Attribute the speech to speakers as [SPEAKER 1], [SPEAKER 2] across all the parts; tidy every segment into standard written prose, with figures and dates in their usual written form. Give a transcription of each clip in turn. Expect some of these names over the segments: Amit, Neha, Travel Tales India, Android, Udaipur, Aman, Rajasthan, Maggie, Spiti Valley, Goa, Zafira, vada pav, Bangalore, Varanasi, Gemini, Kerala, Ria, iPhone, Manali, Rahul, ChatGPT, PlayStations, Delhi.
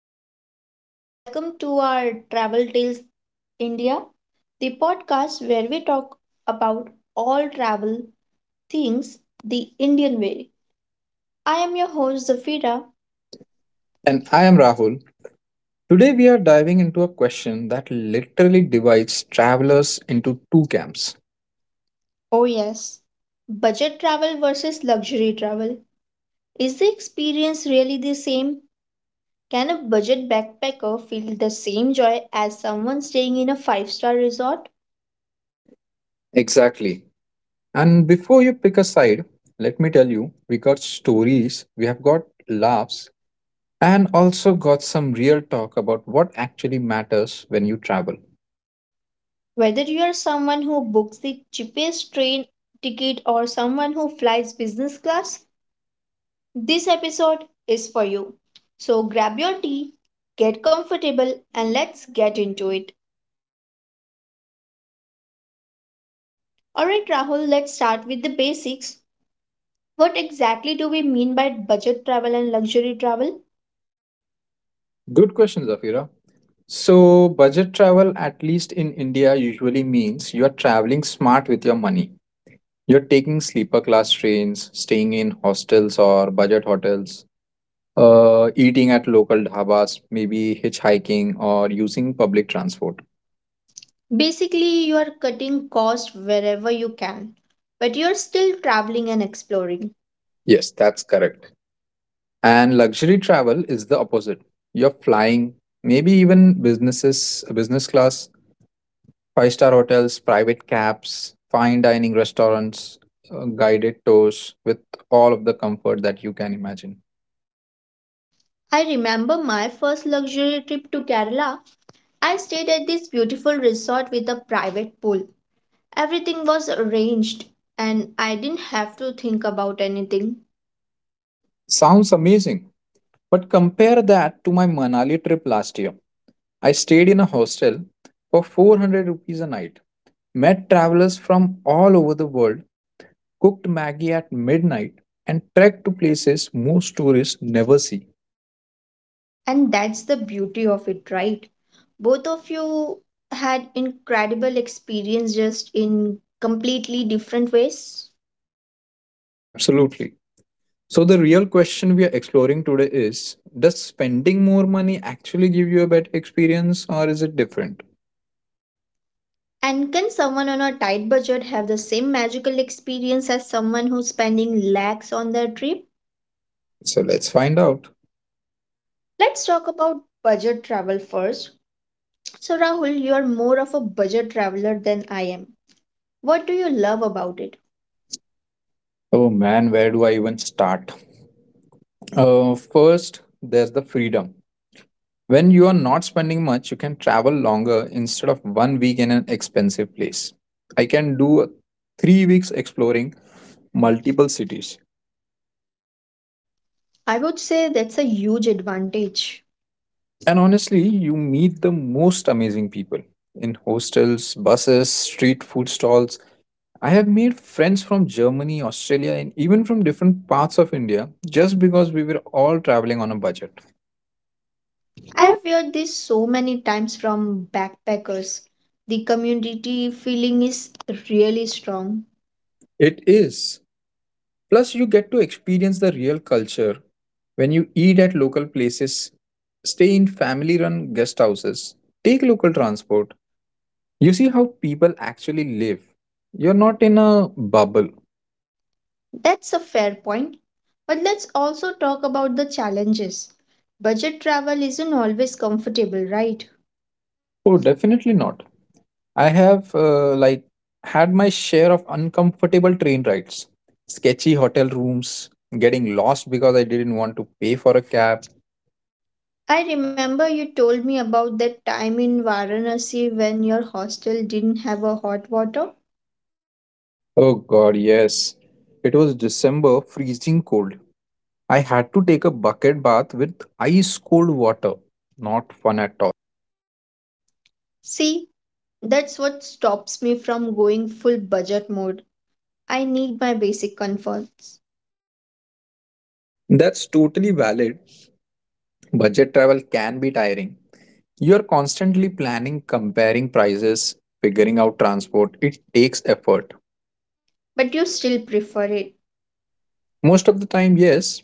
[SPEAKER 1] everyone, welcome to our Travel Tales India, the podcast where we talk about all travel things the Indian way. I am your host Zafira.
[SPEAKER 2] And I am Rahul. Today we are diving into a question that literally divides travelers into two camps.
[SPEAKER 1] Oh, yes, budget travel versus luxury travel. Is the experience really the same? Can a budget backpacker feel the same joy as someone staying in a five-star resort?
[SPEAKER 2] Exactly. And before you pick a side, let me tell you, we got stories, we have got laughs, and also got some real talk about what actually matters when you travel.
[SPEAKER 1] Whether you are someone who books the cheapest train ticket or someone who flies business class, this episode is for you. So grab your tea, get comfortable, and let's get into it. Alright, Rahul, let's start with the basics. What exactly do we mean by budget travel and luxury travel?
[SPEAKER 2] Good question, Zafira. So, budget travel, at least in India, usually means you are traveling smart with your money. You're taking sleeper class trains, staying in hostels or budget hotels, eating at local dhabas, maybe hitchhiking or using public transport.
[SPEAKER 1] Basically, you are cutting costs wherever you can, but you're still traveling and exploring.
[SPEAKER 2] Yes, that's correct. And luxury travel is the opposite. You're flying, maybe even business class, five-star hotels, private cabs, fine dining restaurants, guided tours with all of the comfort that you can imagine.
[SPEAKER 1] I remember my first luxury trip to Kerala. I stayed at this beautiful resort with a private pool. Everything was arranged, and I didn't have to think about anything.
[SPEAKER 2] Sounds amazing. But compare that to my Manali trip last year. I stayed in a hostel for 400 rupees a night, met travelers from all over the world, cooked Maggie at midnight, and trekked to places most tourists never see.
[SPEAKER 1] And that's the beauty of it, right? Both of you had incredible experience just in completely different ways.
[SPEAKER 2] Absolutely. So, the real question we are exploring today is, does spending more money actually give you a better experience, or is it different?
[SPEAKER 1] And can someone on a tight budget have the same magical experience as someone who's spending lakhs on their trip?
[SPEAKER 2] So, let's find out.
[SPEAKER 1] Let's talk about budget travel first. So, Rahul, you're more of a budget traveler than I am. What do you love about it?
[SPEAKER 2] Oh man, where do I even start? First, there's the freedom. When you are not spending much, you can travel longer instead of 1 week in an expensive place. I can do 3 weeks exploring multiple cities.
[SPEAKER 1] I would say that's a huge advantage.
[SPEAKER 2] And honestly, you meet the most amazing people in hostels, buses, street food stalls. I have made friends from Germany, Australia, and even from different parts of India just because we were all traveling on a budget.
[SPEAKER 1] I have heard this so many times from backpackers. The community feeling is really strong.
[SPEAKER 2] It is. Plus, you get to experience the real culture when you eat at local places, stay in family run guest houses, take local transport. You see how people actually live. You're not in a bubble.
[SPEAKER 1] That's a fair point. But let's also talk about the challenges. Budget travel isn't always comfortable, right?
[SPEAKER 2] Oh, definitely not. I have had my share of uncomfortable train rides, sketchy hotel rooms, getting lost because I didn't want to pay for a cab.
[SPEAKER 1] I remember you told me about that time in Varanasi when your hostel didn't have a hot water.
[SPEAKER 2] Oh god, yes. It was December, freezing cold. I had to take a bucket bath with ice cold water. Not fun at all.
[SPEAKER 1] See, that's what stops me from going full budget mode. I need my basic comforts.
[SPEAKER 2] That's totally valid. Budget travel can be tiring. You're constantly planning, comparing prices, figuring out transport. It takes effort.
[SPEAKER 1] But you still prefer it.
[SPEAKER 2] Most of the time, yes,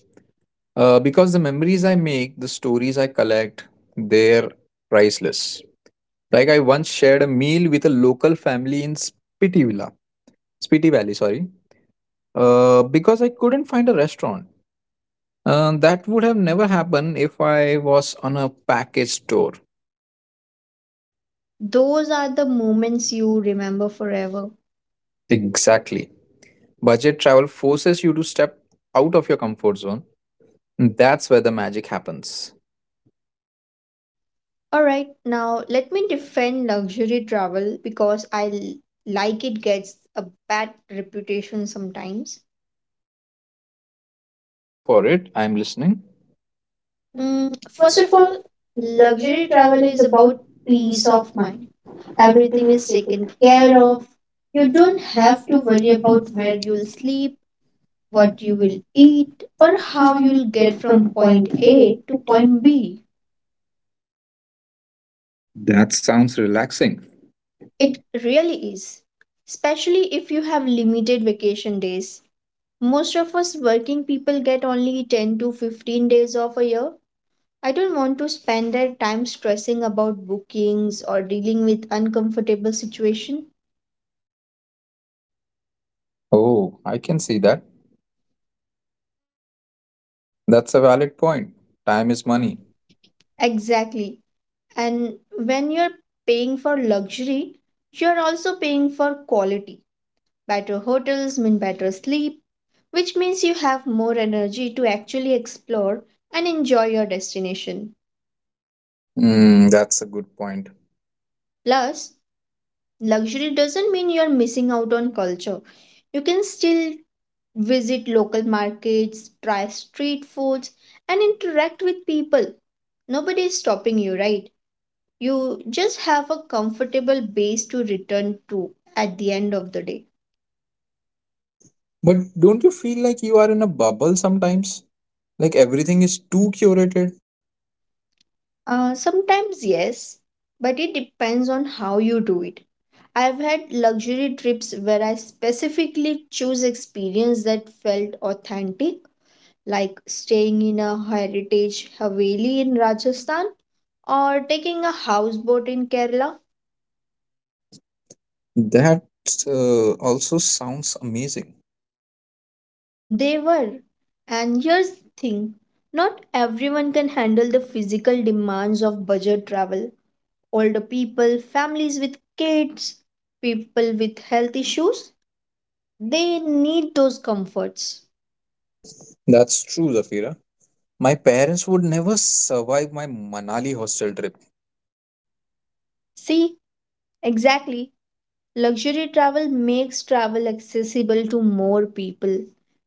[SPEAKER 2] because the memories I make, the stories I collect, they're priceless. Like I once shared a meal with a local family in Spiti Valley, sorry, because I couldn't find a restaurant. That would have never happened if I was on a package tour.
[SPEAKER 1] Those are the moments you remember forever.
[SPEAKER 2] Exactly. Budget travel forces you to step out of your comfort zone. That's where the magic happens.
[SPEAKER 1] Alright, now let me defend luxury travel because I like it gets a bad reputation sometimes.
[SPEAKER 2] Go for it. I'm listening. First
[SPEAKER 1] First
[SPEAKER 2] of
[SPEAKER 1] of all,
[SPEAKER 2] all, luxury
[SPEAKER 1] luxury
[SPEAKER 2] travel
[SPEAKER 1] travel
[SPEAKER 2] is
[SPEAKER 1] is
[SPEAKER 2] about
[SPEAKER 1] about
[SPEAKER 2] peace
[SPEAKER 1] peace
[SPEAKER 2] of
[SPEAKER 1] of mind.
[SPEAKER 2] mind. Everything
[SPEAKER 1] Everything
[SPEAKER 2] is
[SPEAKER 1] is taken
[SPEAKER 2] taken
[SPEAKER 1] care
[SPEAKER 2] care of.
[SPEAKER 1] of.
[SPEAKER 2] You
[SPEAKER 1] You
[SPEAKER 2] don't
[SPEAKER 1] don't
[SPEAKER 2] have
[SPEAKER 1] have
[SPEAKER 2] to
[SPEAKER 1] to
[SPEAKER 2] worry
[SPEAKER 1] worry
[SPEAKER 2] about
[SPEAKER 1] about where
[SPEAKER 2] where you'll
[SPEAKER 1] you'll
[SPEAKER 2] sleep,
[SPEAKER 1] sleep, what
[SPEAKER 2] what you
[SPEAKER 1] you will
[SPEAKER 2] will eat,
[SPEAKER 1] eat, or
[SPEAKER 2] or how
[SPEAKER 1] how
[SPEAKER 2] you'll
[SPEAKER 1] you'll get
[SPEAKER 2] get from
[SPEAKER 1] from
[SPEAKER 2] point
[SPEAKER 1] point
[SPEAKER 2] A
[SPEAKER 1] A
[SPEAKER 2] to
[SPEAKER 1] to
[SPEAKER 2] point
[SPEAKER 1] point
[SPEAKER 2] B.
[SPEAKER 1] B.
[SPEAKER 2] That sounds relaxing.
[SPEAKER 1] It really is, especially if you have limited vacation days. Most of us working people get only 10 to 15 days off a year. I don't want to spend their time stressing about bookings or dealing with uncomfortable situation.
[SPEAKER 2] Oh, I can see that. That's a valid point. Time is
[SPEAKER 1] Miss money.
[SPEAKER 2] money.
[SPEAKER 1] Exactly. And when you're paying for luxury, you're also paying for quality. Better hotels mean better sleep, which means you have more energy to actually explore and enjoy your destination.
[SPEAKER 2] Mm, that's a good point.
[SPEAKER 1] Plus, luxury doesn't mean you're missing out on culture. You can still visit local markets, try street foods, and interact with people. Nobody is stopping you, right? You just have a comfortable base to return to at the end of the day.
[SPEAKER 2] But don't you feel like you are in a bubble sometimes? Like everything is too curated?
[SPEAKER 1] Sometimes, yes, but it depends on how you do it. I've had luxury trips where I specifically choose experience that felt authentic like staying in a heritage haveli in Rajasthan or taking a houseboat in Kerala.
[SPEAKER 2] That also sounds amazing.
[SPEAKER 1] They were. And here's the thing not everyone can handle the physical demands of budget travel. Older people, families with kids, people with health issues, they need those comforts.
[SPEAKER 2] That's true, Zafira. My parents would never survive my Manali hostel trip.
[SPEAKER 1] See, exactly. Luxury travel makes travel accessible to more people,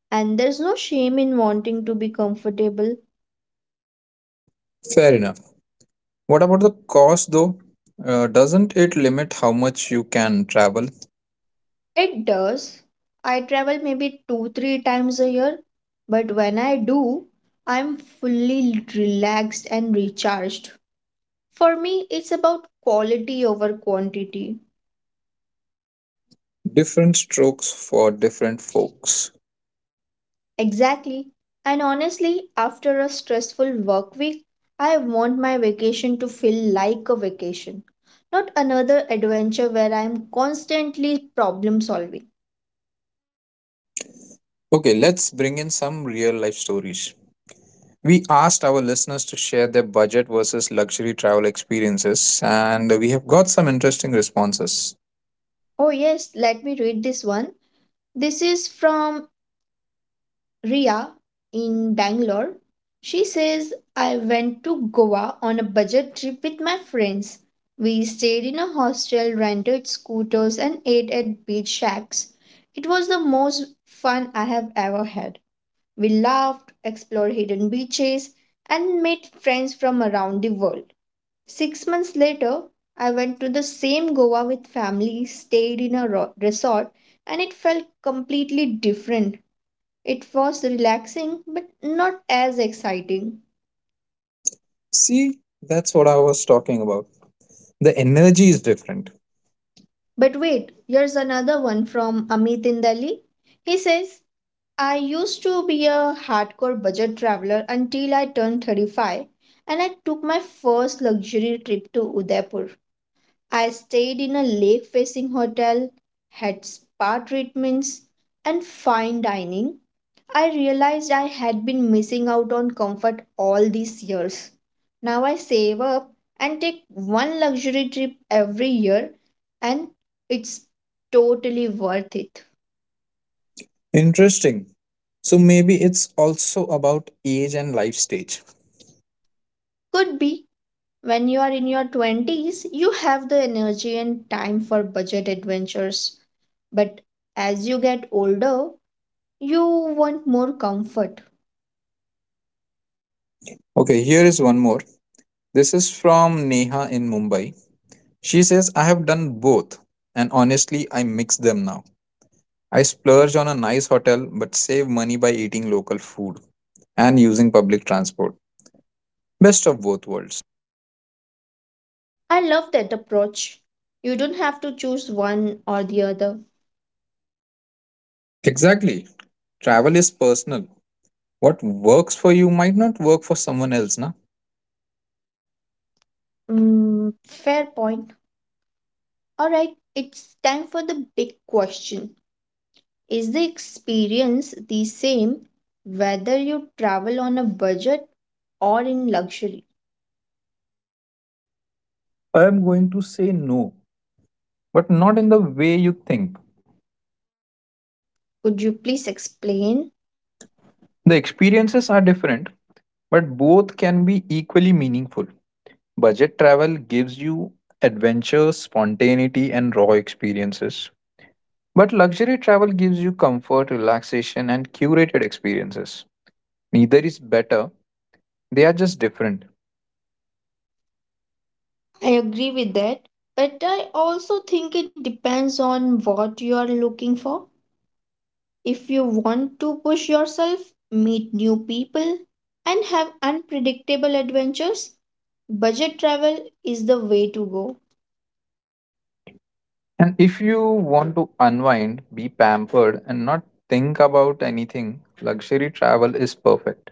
[SPEAKER 1] and there's no shame in wanting to be comfortable.
[SPEAKER 2] Fair enough. What about the cost though? Doesn't it limit how much you can travel?
[SPEAKER 1] It does. I travel maybe two, three times a year, but when I do, I'm fully relaxed and recharged. For me, it's about quality over quantity.
[SPEAKER 2] Different strokes for different folks.
[SPEAKER 1] Exactly. And honestly, after a stressful work week, I want my vacation to feel like a vacation, not another adventure where I am constantly problem solving.
[SPEAKER 2] Okay, let's bring in some real life stories. We asked our listeners to share their budget versus luxury travel experiences, and we have got some interesting responses.
[SPEAKER 1] Oh, yes, let me read this one. This is from Ria in Bangalore. She says, I went to Goa on a budget trip with my friends. We stayed in a hostel, rented scooters, and ate at beach shacks. It was the most fun I have ever had. We laughed, explored hidden beaches, and made friends from around the world. 6 months later, I went to the same Goa with family, stayed in a resort, and it felt completely different it was relaxing, but not as exciting.
[SPEAKER 2] See, that's what I was talking about. The energy is different.
[SPEAKER 1] But wait, here's another one from Amit in Delhi. He says, I used to be a hardcore budget traveler until I turned 35 and I took my first luxury trip to Udaipur. I stayed in a lake facing hotel, had spa treatments and fine dining, I realized I had been missing out on comfort all these years. Now I save up and take one luxury trip every year, and it's totally worth it.
[SPEAKER 2] Interesting. So maybe it's also about age and life stage.
[SPEAKER 1] Could be when you are in your 20s, you have the energy and time for budget adventures. But as you get older, you want more comfort.
[SPEAKER 2] Okay, here is one more. This is from Neha in Mumbai. She says, I have done both, and honestly, I mix them now. I splurge on a nice hotel but save money by eating local food and using public transport. Best of both worlds.
[SPEAKER 1] I love that approach. You don't have to choose one or the other.
[SPEAKER 2] Exactly. Travel is personal. What works for you might not work for someone else, na?
[SPEAKER 1] Mm, fair point. All right, it's time for the big question. Is the experience the same whether you travel on a budget or in luxury?
[SPEAKER 2] I am going to say no, but not in the way you think.
[SPEAKER 1] Could you please explain?
[SPEAKER 2] The experiences are different, but both can be equally meaningful. Budget travel gives you adventure, spontaneity, and raw experiences. But luxury travel gives you comfort, relaxation, and curated experiences. Neither is better, they are just different.
[SPEAKER 1] I agree with that, but I also think it depends on what you are looking for. If you want to push yourself, meet new people, and have unpredictable adventures, budget travel is the way to go.
[SPEAKER 2] And if you want to unwind, be pampered, and not think about anything, luxury travel is perfect.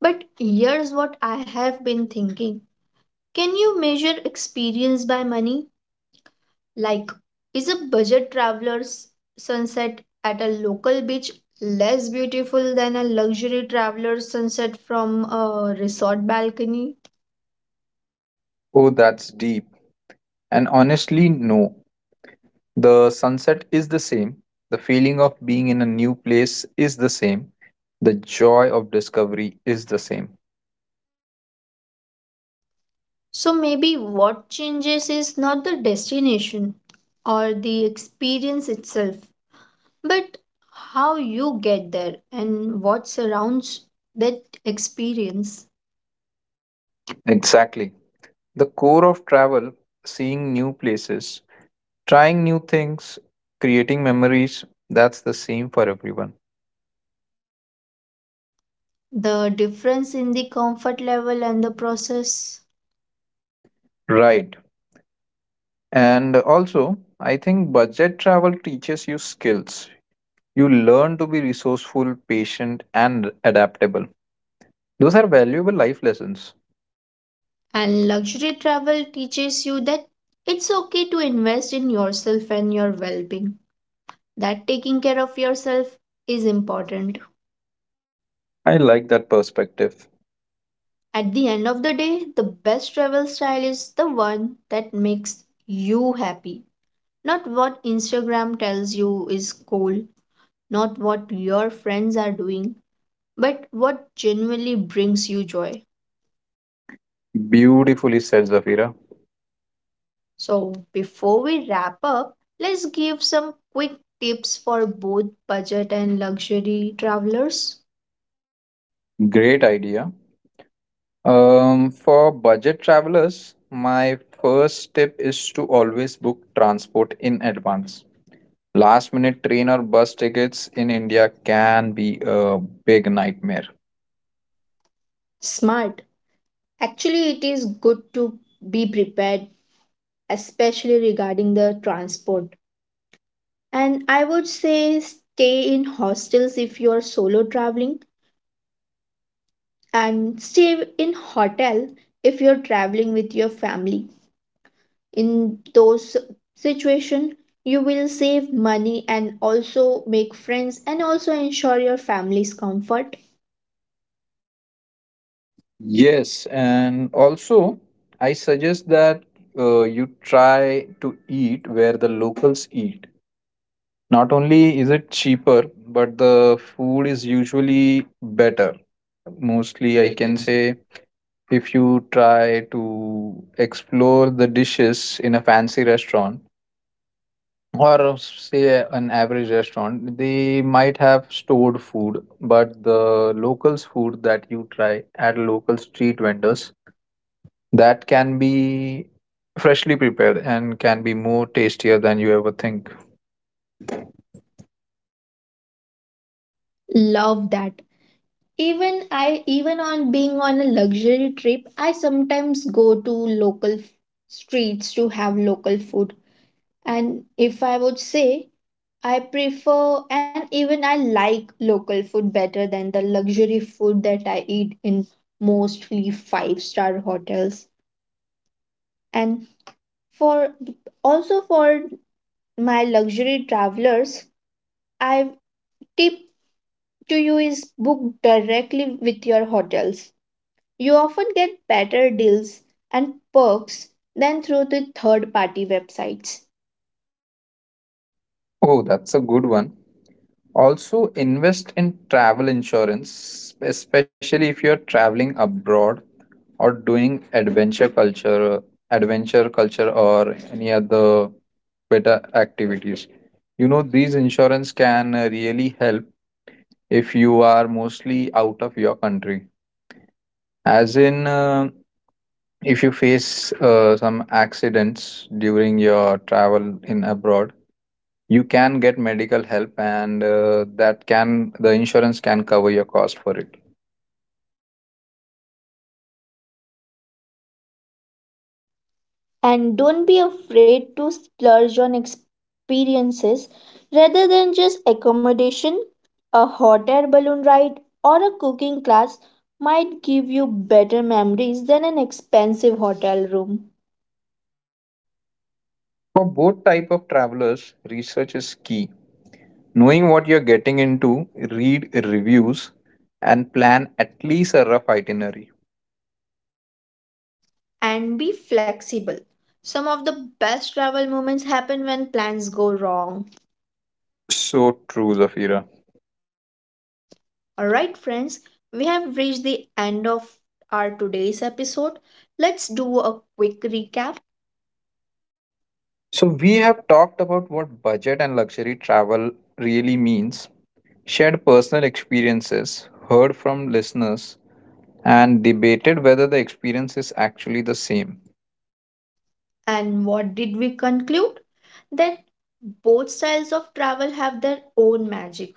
[SPEAKER 1] But here's what I have been thinking. Can you measure experience by money? Like, is a budget traveler's sunset at a local beach less beautiful than a luxury traveler's sunset from a resort balcony?
[SPEAKER 2] Oh, that's deep. And honestly, no. The sunset is the same. The feeling of being in a new place is the same. The joy of discovery is the same.
[SPEAKER 1] So, maybe what changes is not the destination or the experience itself, but how you get there and what surrounds that experience,
[SPEAKER 2] Exactly. The core of travel, seeing new places, trying new things, creating memories, that's the same for everyone.
[SPEAKER 1] the difference in the comfort level and the process.
[SPEAKER 2] Right. And also, I think budget travel teaches you skills. You learn to be resourceful, patient, and adaptable. Those are valuable life lessons.
[SPEAKER 1] And luxury travel teaches you that it's okay to invest in yourself and your well being, that taking care of yourself is important.
[SPEAKER 2] I like that perspective.
[SPEAKER 1] At the end of the day, the best travel style is the one that makes you happy, not what Instagram tells you is cool, not what your friends are doing, but what genuinely brings you joy.
[SPEAKER 2] Beautifully said, Zafira.
[SPEAKER 1] So, before we wrap up, let's give some quick tips for both budget and luxury travelers.
[SPEAKER 2] Great idea. For budget travelers, my first tip is to always book transport in advance. Last minute train or bus tickets in India can be a big nightmare.
[SPEAKER 1] Smart. Actually, it is good to be prepared, especially regarding the transport. And I would say stay in hostels if you are solo traveling, and stay in hotel if you're traveling with your family. In those situation you will save money and also make friends and also ensure your family's comfort.
[SPEAKER 2] Yes, and also I suggest that you try to eat where the locals eat. Not only is it cheaper, but the food is usually better. Mostly,
[SPEAKER 1] Mostly
[SPEAKER 2] I
[SPEAKER 1] I
[SPEAKER 2] can
[SPEAKER 1] can
[SPEAKER 2] say if you try to explore the dishes in a fancy restaurant, or say an average restaurant, they might have stored food, but the locals food that you try at local street vendors, that can be freshly prepared and can be more tastier than you ever think.
[SPEAKER 1] love that. Even I, even on being on a luxury trip, I sometimes go to local streets to have local food, and if I would say, I prefer and even I like local food better than the luxury food that I eat in mostly five-star hotels. And for also for my luxury travelers, I tip to you is book directly with your hotels. You often get better deals and perks than through the third party websites.
[SPEAKER 2] Oh, that's a good one. Also, invest in travel insurance, especially if you're traveling abroad or doing adventure culture, or any other better activities. You know, these insurance can really help if you are mostly out of your country. As in, if you face some accidents during your travel in abroad, you can get medical help and that can the insurance can cover your cost for it.
[SPEAKER 1] And don't be afraid to splurge on experiences rather than just accommodation. A hot air balloon ride or a cooking class might give you better memories than an expensive hotel room.
[SPEAKER 2] For both type of travelers, research is key. Knowing what you're getting into, read reviews and plan at least a rough itinerary.
[SPEAKER 1] And be flexible. Some of the best travel moments happen when plans go wrong.
[SPEAKER 2] So true, Zafira.
[SPEAKER 1] Alright, friends, we have reached the end of our today's episode. Let's do a quick recap.
[SPEAKER 2] So we have talked about what budget and luxury travel really means, shared personal experiences, heard from listeners, and debated whether the experience is actually the same.
[SPEAKER 1] And what did we conclude? That both styles of travel have their own magic.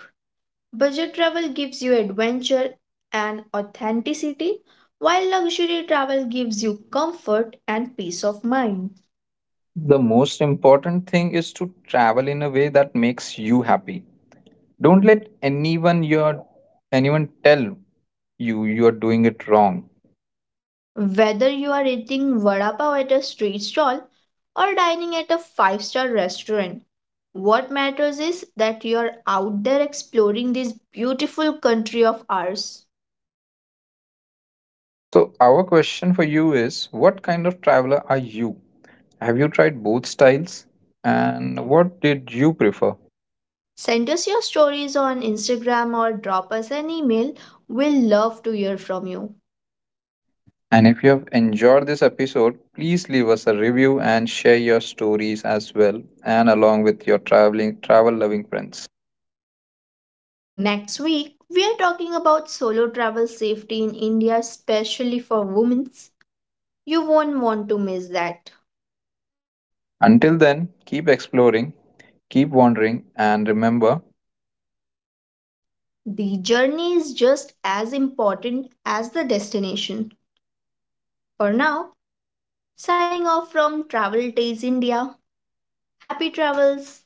[SPEAKER 1] Budget travel gives you adventure and authenticity, while luxury travel gives you comfort and peace of mind.
[SPEAKER 2] The most important thing is to travel in a way that makes you happy. Don't let anyone your anyone tell you you are doing it wrong.
[SPEAKER 1] Whether you are eating vada pav at a street stall or dining at a five-star restaurant, what matters is that you are out there exploring this beautiful country of ours.
[SPEAKER 2] So our question for you is, what kind of traveler are you? Have you tried both styles? And what did you prefer?
[SPEAKER 1] Send us your stories on Instagram or drop us an email. We'll love to hear from you.
[SPEAKER 2] And if you have enjoyed this episode, please leave us a review and share your stories as well and along with your travel loving friends.
[SPEAKER 1] Next week, we are talking about solo travel safety in India, especially for women. You won't want to miss that.
[SPEAKER 2] Until then, keep exploring, keep wondering, and remember
[SPEAKER 1] The journey is just as important as the destination. For now, signing off from Travel Days India. Happy travels!